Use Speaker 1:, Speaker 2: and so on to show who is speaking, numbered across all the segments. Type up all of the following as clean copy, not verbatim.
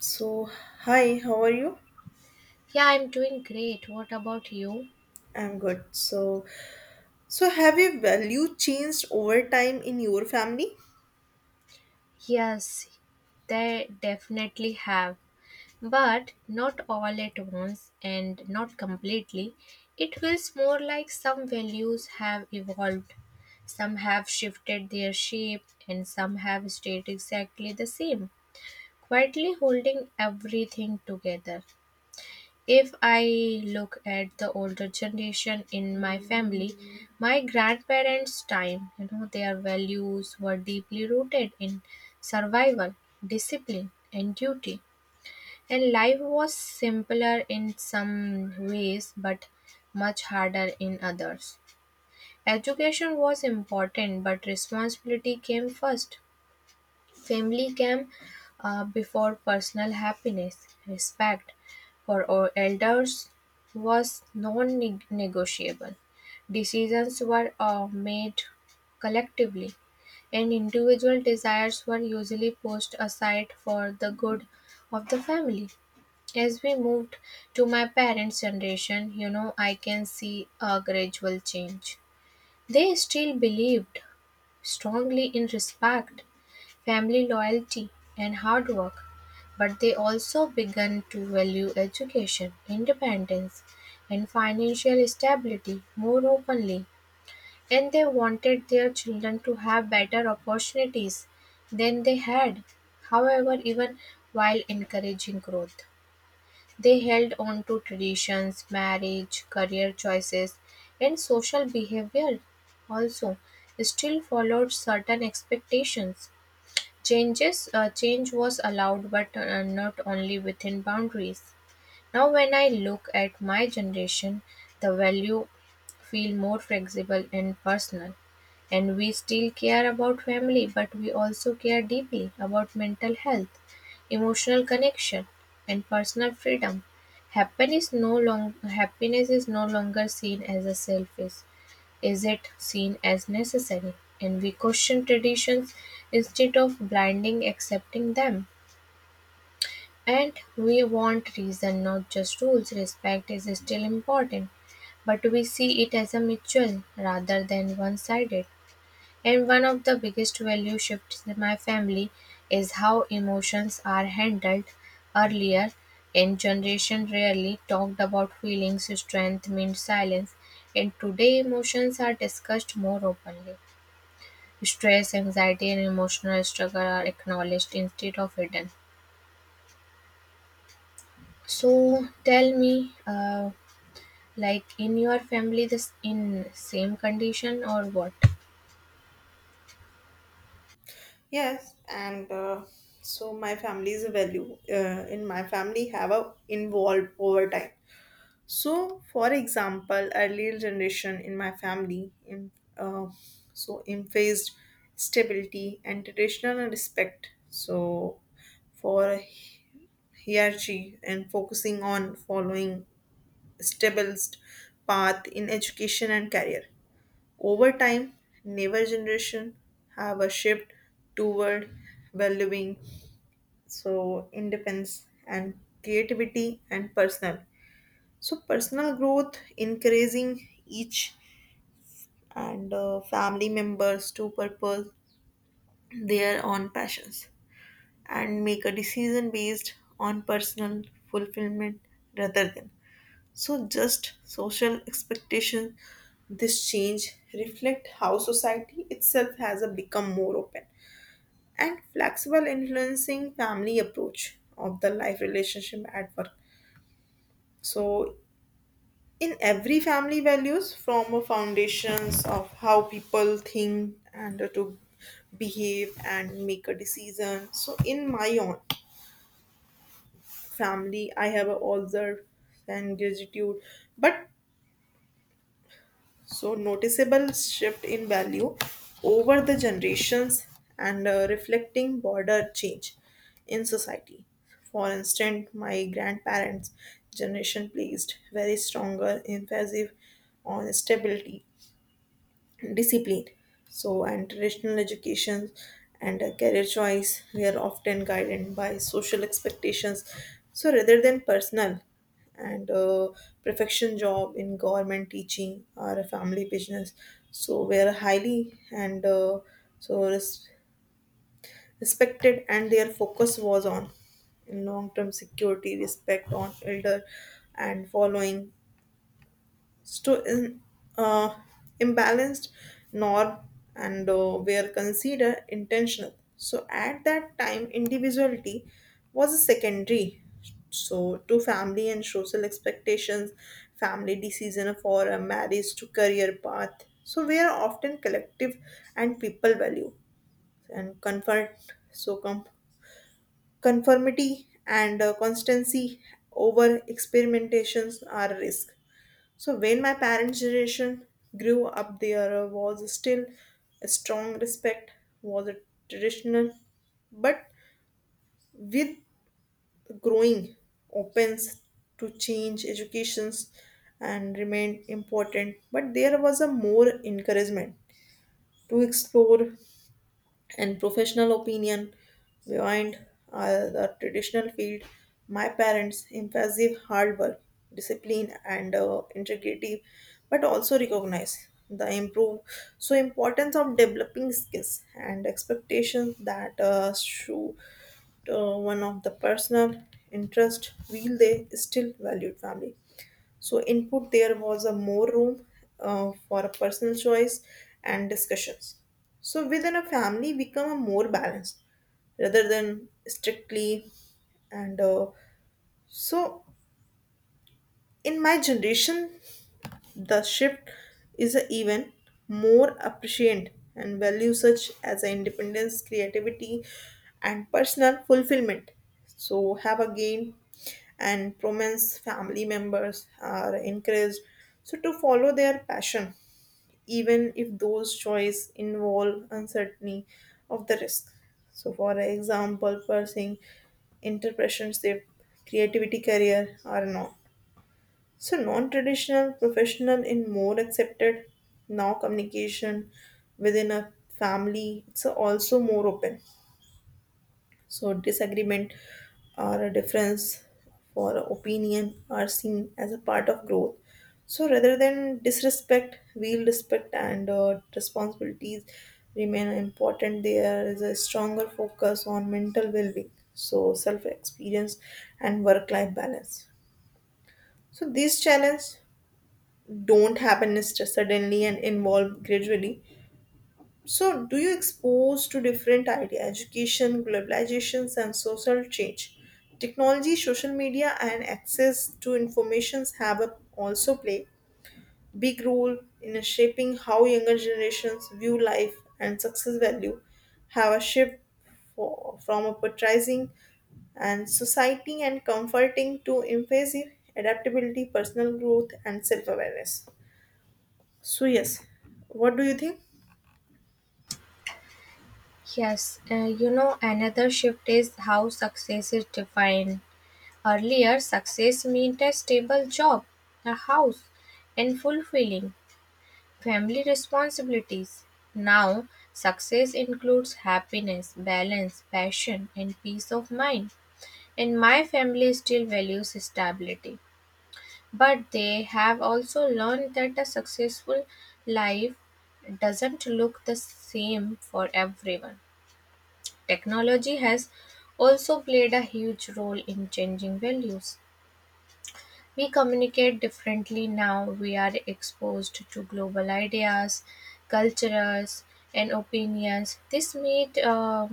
Speaker 1: So, hi, how are you?
Speaker 2: Yeah, I'm doing great. What about you?
Speaker 1: I'm good. So, have your value changed over time in your family?
Speaker 2: Yes, they definitely have, but not all at once and not completely. It feels more like some values have evolved, some have shifted their shape, and some have stayed exactly the same, quietly holding everything together. If I look at the older generation in my family, my grandparents' time, you know, their values were deeply rooted in survival, discipline, and duty. And life was simpler in some ways, but much harder in others. Education was important, but responsibility came first. Family came before personal happiness. Respect for our elders was non negotiable. Decisions were made collectively, and individual desires were usually pushed aside for the good of the family. As we moved to my parents' generation, you know, I can see a gradual change. They still believed strongly in respect, family loyalty, and hard work, but they also began to value education, independence, and financial stability more openly, and they wanted their children to have better opportunities than they had. However, even while encouraging growth, they held on to traditions. Marriage, career choices, and social behavior also still followed certain expectations. Change was allowed, but not only within boundaries. Now, when I look at my generation, the value feel more flexible and personal, and we still care about family, but we also care deeply about mental health, emotional connection, and personal freedom. Happiness is no longer seen as a selfish, is it seen as necessary, and we question traditions instead of blindly accepting them? And we want reason, not just rules. Respect is still important, but we see it as a mutual rather than one sided. And one of the biggest value shifts in my family is how emotions are handled. Earlier in generation rarely talked about feelings, strength means silence, and today emotions are discussed more openly. Stress, anxiety, and emotional struggle are acknowledged instead of hidden. So tell me, like in your family, this in same condition or what?
Speaker 1: Yes, and so my family's value in my family have a involved over time. So, for example, earlier generation in my family, in, uh, so emphasized stability and traditional respect. So, for hierarchy and focusing on following established path in education and career. Over time, newer generation have a shift toward valuing so independence and creativity and personal. So personal growth encouraging each and family members to purpose their own passions and make a decision based on personal fulfillment rather than so just social expectation. This change reflect how society itself has a become more open and flexible influencing family approach of the life relationship at work. So in every family values form a foundations of how people think and to behave and make a decision. So in my own family I have observed and gratitude but so, noticeable shift in value over the generations and reflecting border change in society. For instance, my grandparents' generation placed very stronger emphasis on stability, discipline, so and traditional education and career choice we are often guided by social expectations so rather than personal and perfection job in government teaching or a family business so we are highly and so respected and their focus was on long term security, respect on elder and following sto- in- uh, imbalanced nor and were considered intentional. So at that time, individuality was a secondary. So to family and social expectations, family decision for a marriage to career path. So we are often collective and people value and comfort. So conformity and constancy over experimentations are risk. So when my parents' generation grew up, there was still a strong respect was a traditional, but with growing opens to change educations and remained important. But there was a more encouragement to explore and professional opinion behind the traditional field. My parents impressive hard work, discipline and integrity, but also recognize the improve so importance of developing skills and expectations that show one of the personal interest will they still valued family so, input there was a more room for personal choice and discussions. So, within a family, become a more balanced rather than strictly and so in my generation the shift is even more appreciant and value such as independence, creativity, and personal fulfillment. So have a gain and prominence family members are encouraged so to follow their passion even if those choices involve uncertainty of the risk. So for example, pursuing entrepreneurship, creativity career or not. So, non traditional, professional, in more accepted now. Communication within a family, it's also more open. So, disagreement or a difference for opinion are seen as a part of growth. So, rather than disrespect, real respect and responsibilities remain important. There is a stronger focus on mental well being, so self experience and work life balance. So, these challenges don't happen is just suddenly and involve gradually. So, do you expose to different idea, education, globalizations, and social change? Technology, social media, and access to informations have a, also play big role in shaping how younger generations view life and success value. Have a shift for, from a patronizing and society and comforting to emphasis adaptability, personal growth, and self awareness. So, yes, what do you think?
Speaker 2: Yes, you know, another shift is how success is defined. Earlier, success meant a stable job, a house, and fulfilling family responsibilities. Now, success includes happiness, balance, passion, and peace of mind. And my family still values stability, but they have also learned that a successful life doesn't look the same for everyone. Technology has also played a huge role in changing values. We communicate differently now. We are exposed to global ideas, cultures, and opinions.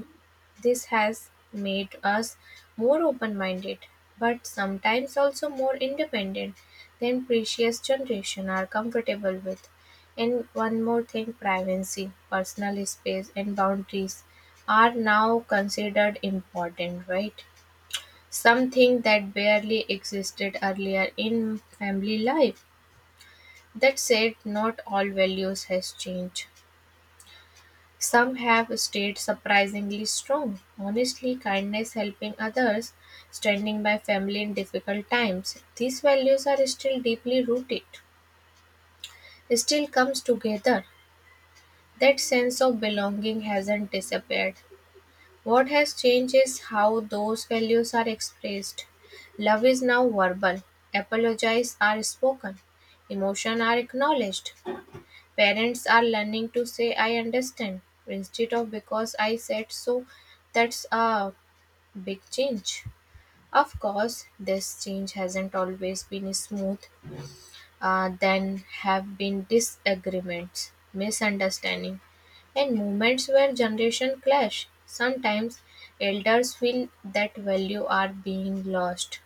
Speaker 2: This has made us more open-minded, but sometimes also more independent than previous generation are comfortable with. And one more thing, privacy, personal space, and boundaries are now considered important, right? Something that barely existed earlier in family life. That said, not all values has changed. Some have stayed surprisingly strong. Honestly, kindness, helping others, standing by family in difficult times. These values are still deeply rooted. Still comes together. That sense of belonging hasn't disappeared. What has changed is how those values are expressed. Love is now verbal, apologies are spoken, emotions are acknowledged. Parents are learning to say, I understand, instead of because I said so. That's a big change. Of course, this change hasn't always been smooth. Then have been disagreements, misunderstanding, and moments where generation clash. Sometimes elders feel that value are being lost,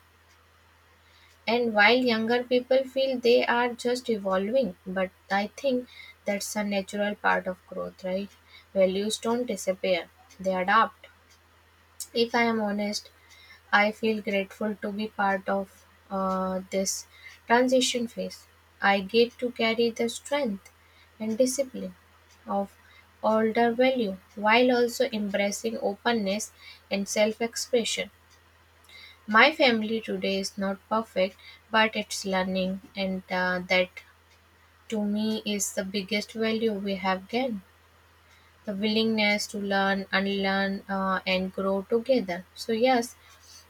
Speaker 2: and while younger people feel they are just evolving. But I think that's a natural part of growth, right? Values don't disappear; they adapt. If I am honest, I feel grateful to be part of this transition phase. I get to carry the strength and discipline of older value while also embracing openness and self expression. My family today is not perfect, but it's learning, and that to me is the biggest value we have gained, the willingness to learn, unlearn, and grow together. So, yes,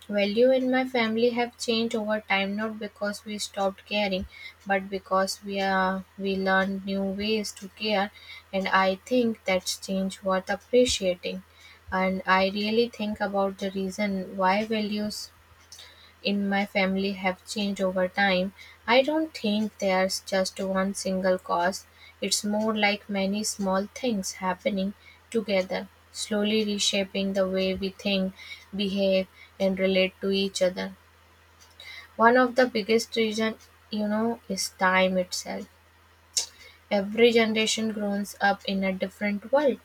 Speaker 2: value in my family have changed over time, not because we stopped caring, but because we learned new ways to care, and I think that's change worth appreciating. And I really think about the reason why values in my family have changed over time. I don't think there's just one single cause. It's more like many small things happening together, slowly reshaping the way we think, behave, and relate to each other. One of the biggest reason, you know, is time itself. Every generation grows up in a different world.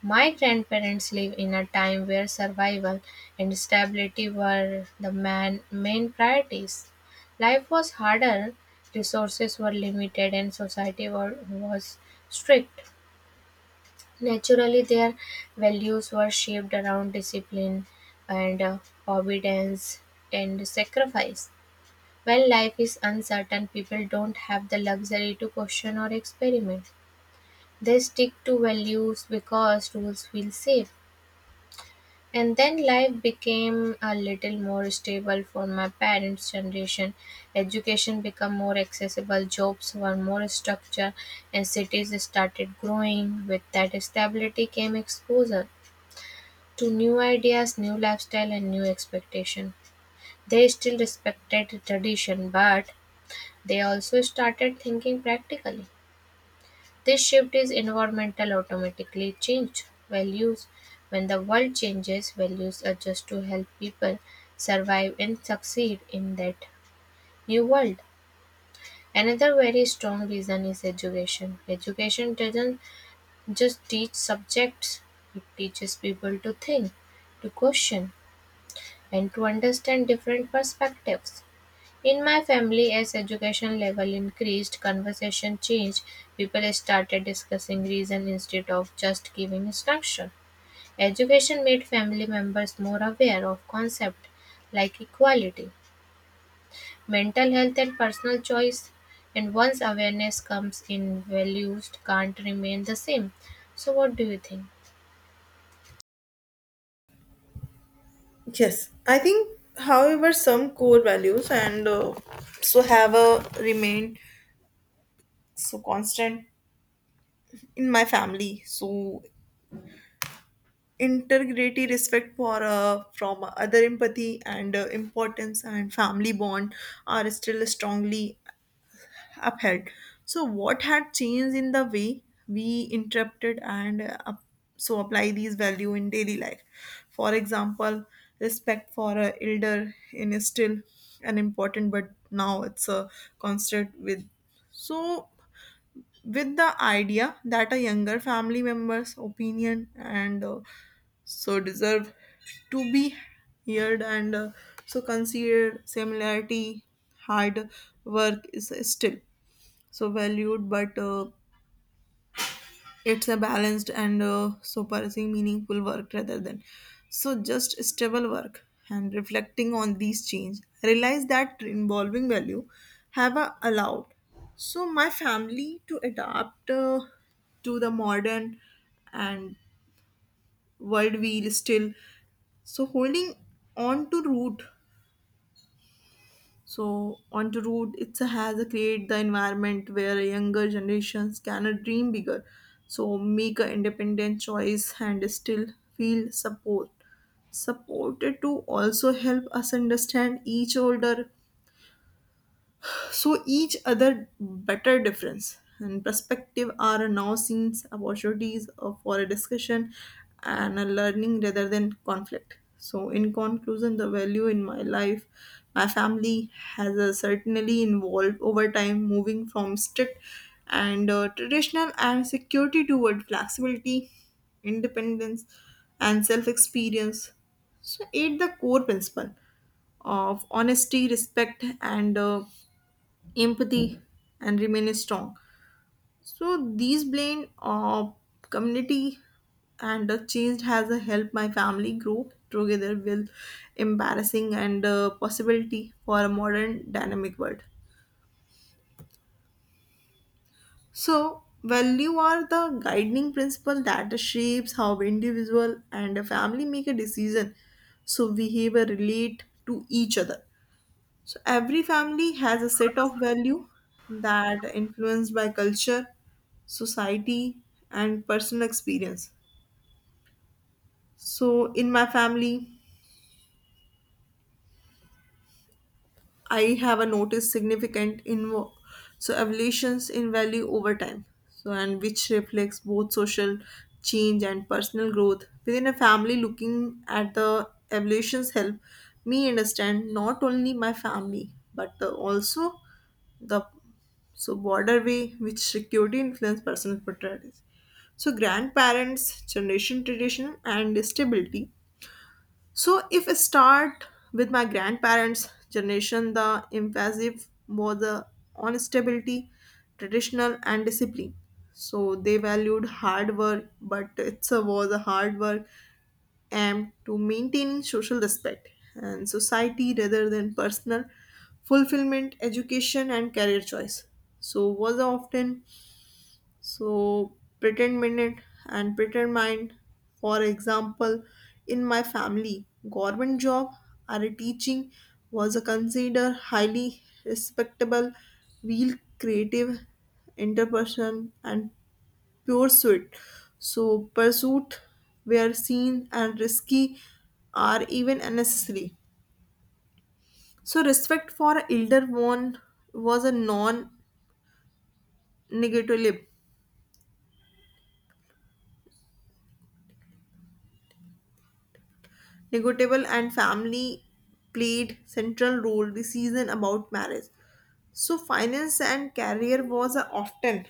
Speaker 2: My grandparents lived in a time where survival and stability were the main priorities. Life was harder, resources were limited, and was strict. Naturally, their values were shaped around discipline and obedience and sacrifice. When life is uncertain, people don't have the luxury to question or experiment. They stick to values because rules feel safe. And then life became a little more stable for my parents' generation. Education became more accessible, jobs were more structured, and cities started growing. With that stability came exposure to new ideas, new lifestyle, and new expectation. They still respected tradition, but they also started thinking practically. This shift is environmental, automatically changed values. When the world changes, values adjust to help people survive and succeed in that new world. Another very strong reason is education. Education doesn't just teach subjects, it teaches people to think, to question, and to understand different perspectives. In my family, as education level increased, conversation changed. People started discussing reason instead of just giving instruction. Education made family members more aware of concepts like equality, mental health, and personal choice. And once awareness comes in, values can't remain the same. So, what do you think?
Speaker 1: Yes, I think, however, some core values and so have remained so constant in my family. So, integrity, respect for from other, empathy and importance and family bond are still strongly upheld. So, what had changed in the way we interpreted and so apply these value in daily life? For example, respect for a elder in is still an important, but now it's a constant with. So, with the idea that a younger family member's opinion and so deserve to be heard and so considered similarity. Hard work is still so valued, but it's a balanced and so pursuing meaningful work rather than so just stable work. And reflecting on these change, I realized that involving value have allowed so my family to adapt to the modern and world wheel still so holding on to root. So on onto root, it has a create the environment where younger generations can dream bigger. So make an independent choice and still feel support. Supported to also help us understand each older so each other better. Difference and perspective are now seen as opportunities for a discussion and a learning rather than conflict. So in conclusion the value in my life, my family has certainly evolved over time moving from strict and traditional and security toward flexibility, independence, and self experience. So eight the core principle of honesty, respect and empathy and remain strong. So these blend of community and a change has a helped my family grow together with embarrassing and possibility for a modern dynamic world. So value are the guiding principle that shapes how individual and a family make a decision, so behavior relate to each other. So every family has a set of value that influenced by culture, society, and personal experience. So in my family, I have a noticed significant evolutions in value over time. So and which reflects both social change and personal growth within a family. Looking at the evolutions help me understand not only my family but the, also the so broader way which security influence personal priorities. So grandparents generation tradition and stability. So if I start with my grandparents' generation, the emphasis was the on stability, traditional and discipline. So they valued hard work, but it was a hard work aimed to maintaining social respect and society rather than personal fulfillment, education and career choice. So was often so, pretend minute and pretend mind. For example, in my family, government job or a teaching was a considered highly respectable, real creative, interperson and pure suit. So, pursuit were seen and risky are even unnecessary. So, respect for elder one was a non-negotiable. Negotiable and family played central role the season about marriage. So finance and career was a often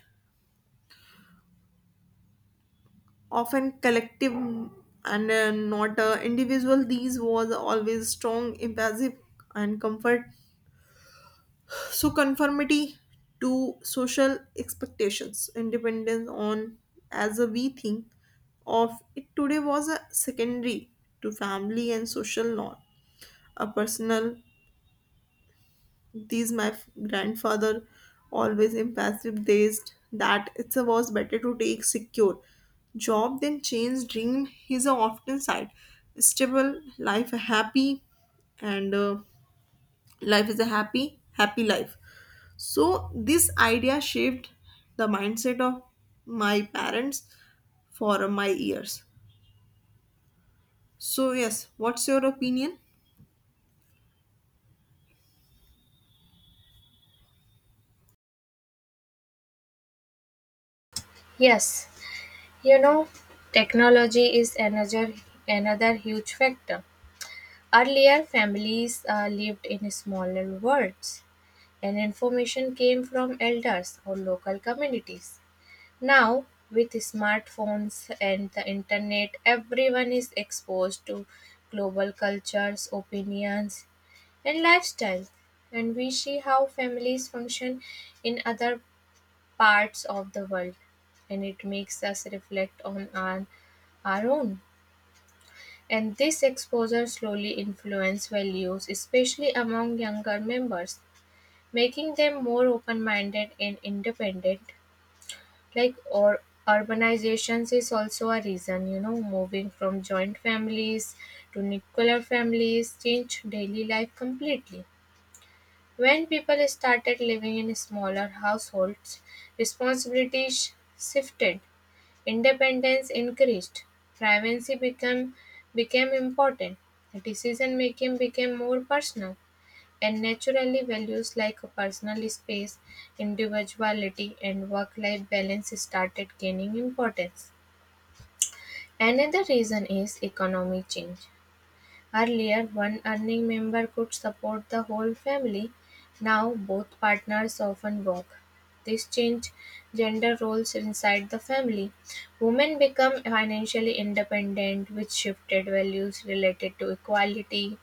Speaker 1: often collective and not individual. These was always strong, impulsive and comfort. So conformity to social expectations, independence on as a we think of it today was a secondary to family and social norm, a personal. These my grandfather always impassive dazed that it was better to take secure job than change dream. He's a often side stable life a happy and life is a happy life. So this idea shaped the mindset of my parents for my years. So yes what's your opinion?
Speaker 2: Yes, you know, technology is another huge factor. Earlier, families lived in smaller worlds, and information came from elders or local communities. Now, with smartphones and the internet, everyone is exposed to global cultures, opinions, and lifestyles, and we see how families function in other parts of the world, and it makes us reflect on our own. And this exposure slowly influenced values, especially among younger members, making them more open minded and independent. Like, or urbanizations is also a reason, you know, moving from joint families to nuclear families changed daily life completely. When people started living in smaller households, responsibilities shifted, independence increased, privacy became became important, decision-making became more personal, and naturally values like personal space, individuality, and work-life balance started gaining importance. Another reason is economic change. Earlier, one earning member could support the whole family. Now, both partners often work. This changed gender roles inside the family. Women become financially independent, which shifted values related to equality.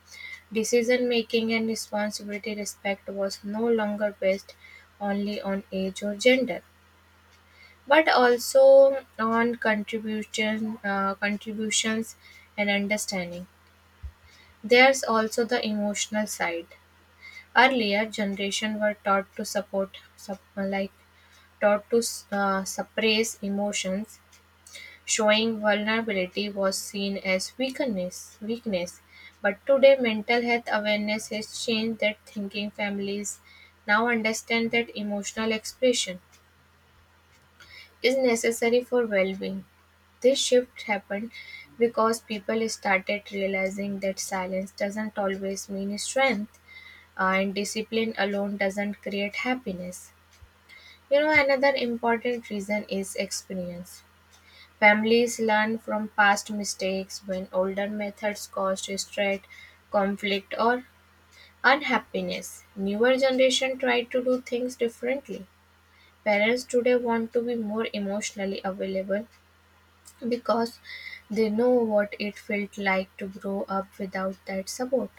Speaker 2: Decision making and responsibility respect was no longer based only on age or gender, but also on contributions and understanding. There's also the emotional side. Earlier generation were taught to support, sup- like taught to suppress emotions. Showing vulnerability was seen as weakness, but today mental health awareness has changed that thinking. Families now understand that emotional expression is necessary for well-being. This shift happened because people started realizing that silence doesn't always mean strength, and discipline alone doesn't create happiness. You know, another important reason is experience. Families learn from past mistakes. When older methods caused stress, conflict, or unhappiness, newer generation try to do things differently. Parents today want to be more emotionally available because they know what it felt like to grow up without that support.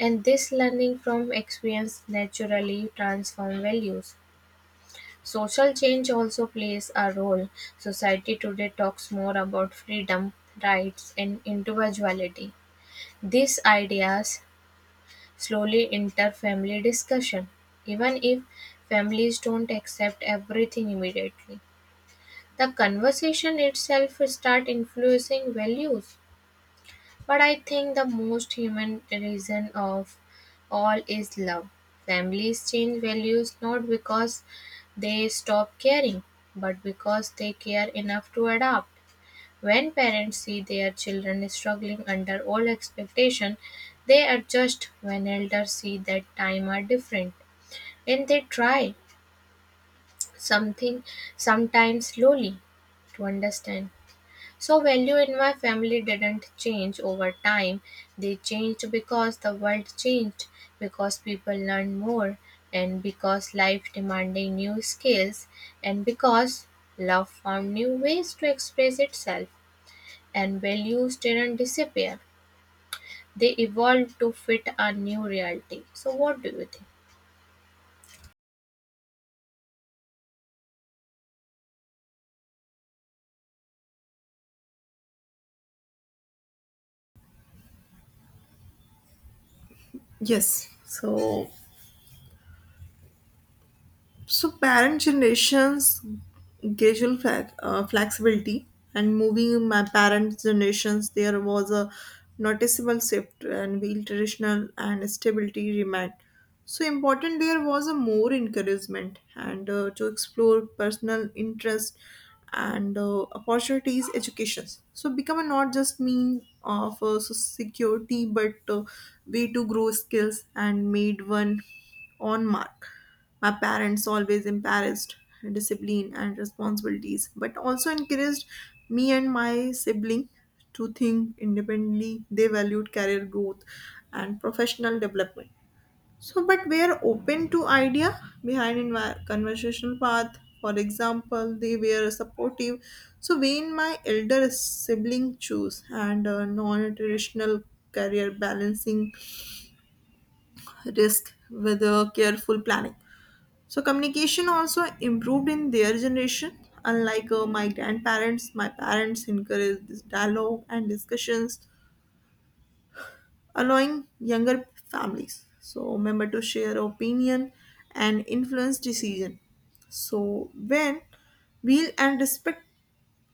Speaker 2: And this learning from experience naturally transforms values. Social change also plays a role. Society today talks more about freedom, rights, and individuality. These ideas slowly enter family discussion, even if families don't accept everything immediately. The conversation itself start influencing values. But I think the most human reason of all is love. Families change values not because they stop caring, but because they care enough to adapt. When parents see their children struggling under old expectation, they adjust. When elders see that time are different, and they try something, sometimes slowly, to understand. So value in my family didn't change over time. They changed because the world changed, because people learned more, and because life demanded new skills, and because love found new ways to express itself, and values didn't disappear. They evolved to fit our new reality. So, what do you think?
Speaker 1: Yes so so parent generations gradual flexibility and moving my parents generations there was a noticeable shift and while traditional and stability remained. So important there was a more encouragement and to explore personal interest and opportunities educations. So become a not just mean of security but way to grow skills and made one on mark. My parents always encouraged discipline and responsibilities, but also encouraged me and my sibling to think independently. They valued career growth and professional development. So, but we are open to idea behind conversational path. For example, they were supportive. So, when my elder sibling choose and non-traditional career balancing risk with a careful planning. So communication also improved in their generation. Unlike my grandparents, my parents encouraged this dialogue and discussions, allowing younger families, so member to share opinion and influence decision. So when will and respect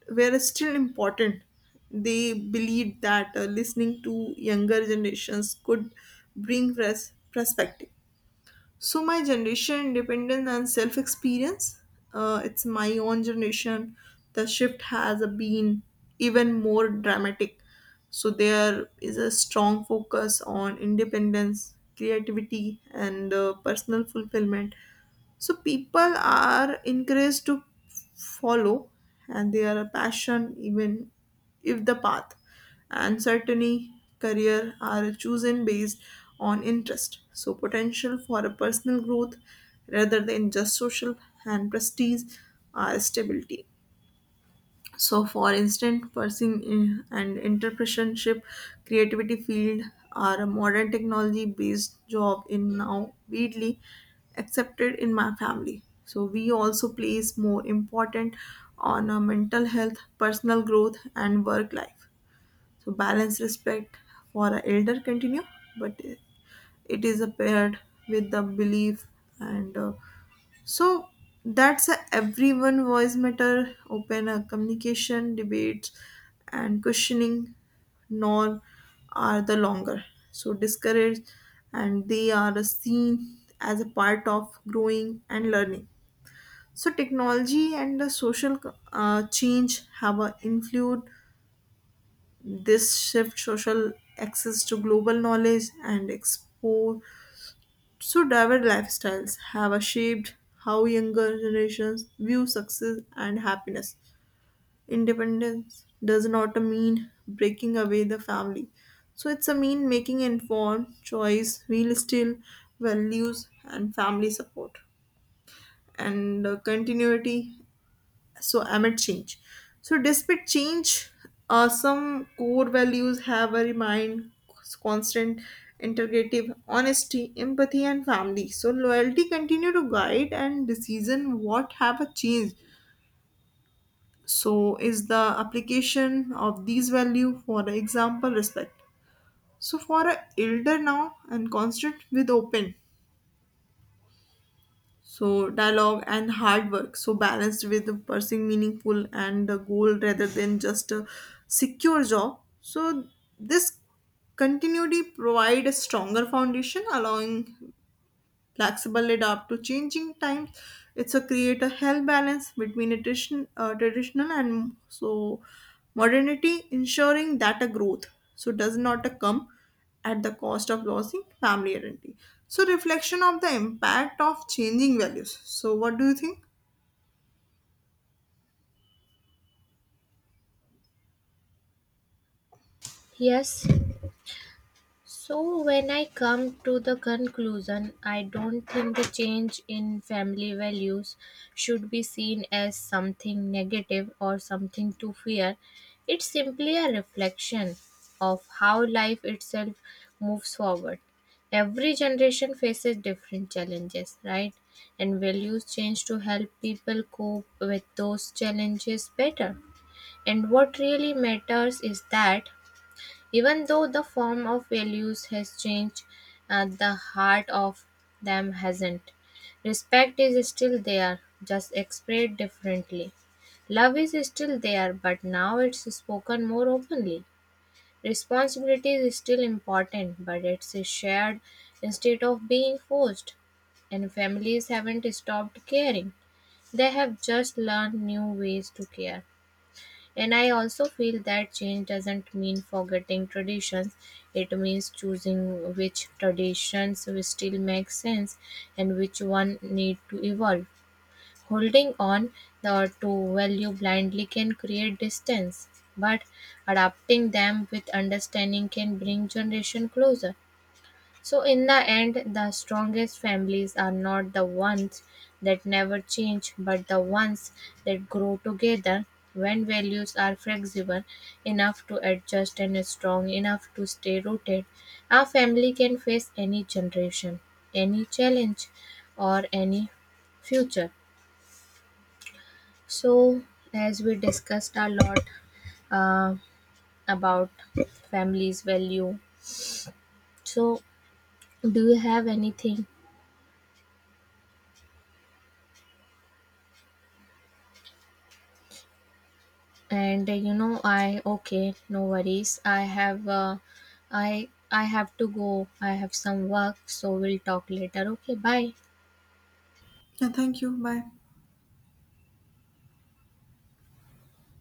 Speaker 1: were still important, they believed that listening to younger generations could bring perspective. So my generation independence and self experience, it's my own generation the shift has been even more dramatic. So there is a strong focus on independence, creativity and personal fulfillment. So people are encouraged to follow and their passion even if the path and certainly career are chosen based on interest, so potential for a personal growth rather than just social and prestige or stability. So, for instance, pursuing and entrepreneurship, creativity field are a modern technology-based job in now widely accepted in my family. So, we also place more important on our mental health, personal growth, and work life. So, balance respect for our elder continue, but it is paired with the belief and so that's a everyone voice matter open a communication debates and questioning nor are the longer. So discouraged and they are seen as a part of growing and learning. So technology and the social change have a influence this shift social access to global knowledge and explore so, diverse lifestyles have shaped how younger generations view success and happiness. Independence does not mean breaking away the family. So, it's a mean making informed choice, while still values and family support and continuity so amid change so despite change, some core values have a remind constant, integrative, honesty, empathy and family so loyalty continue to guide and decision. What have a change so is the application of these value. For example, respect so for a elder now and constant with open so dialogue and hard work so balanced with pursuing meaningful and a goal rather than just a secure job. So this continuity provide a stronger foundation allowing flexible, adapt to changing times. It's a create a health balance between tradition, traditional and so modernity, ensuring that a growth so does not come at the cost of losing family identity. So reflection of the impact of changing values. So what do you think?
Speaker 2: Yes. So, when I come to the conclusion, I don't think the change in family values should be seen as something negative or something to fear. It's simply a reflection of how life itself moves forward. Every generation faces different challenges, right? And values change to help people cope with those challenges better. And what really matters is that even though the form of values has changed, the heart of them hasn't. Respect is still there, just expressed differently. Love is still there, but now it's spoken more openly. Responsibility is still important, but it's shared instead of being forced. And families haven't stopped caring, they have just learned new ways to care. And I also feel that change doesn't mean forgetting traditions. It means choosing which traditions will still make sense and which one need to evolve. Holding on to value blindly can create distance, but adapting them with understanding can bring generation closer. So, in the end, the strongest families are not the ones that never change, but the ones that grow together, when values are flexible enough to adjust and strong enough to stay rooted. Our family can face any generation, any challenge, or any future. So, as we discussed a lot uh, about families' value, so do you have anything and you know, I okay, no worries, I have i have to go, I have some work, so we'll talk later, okay, bye.
Speaker 1: Yeah, thank you. Bye.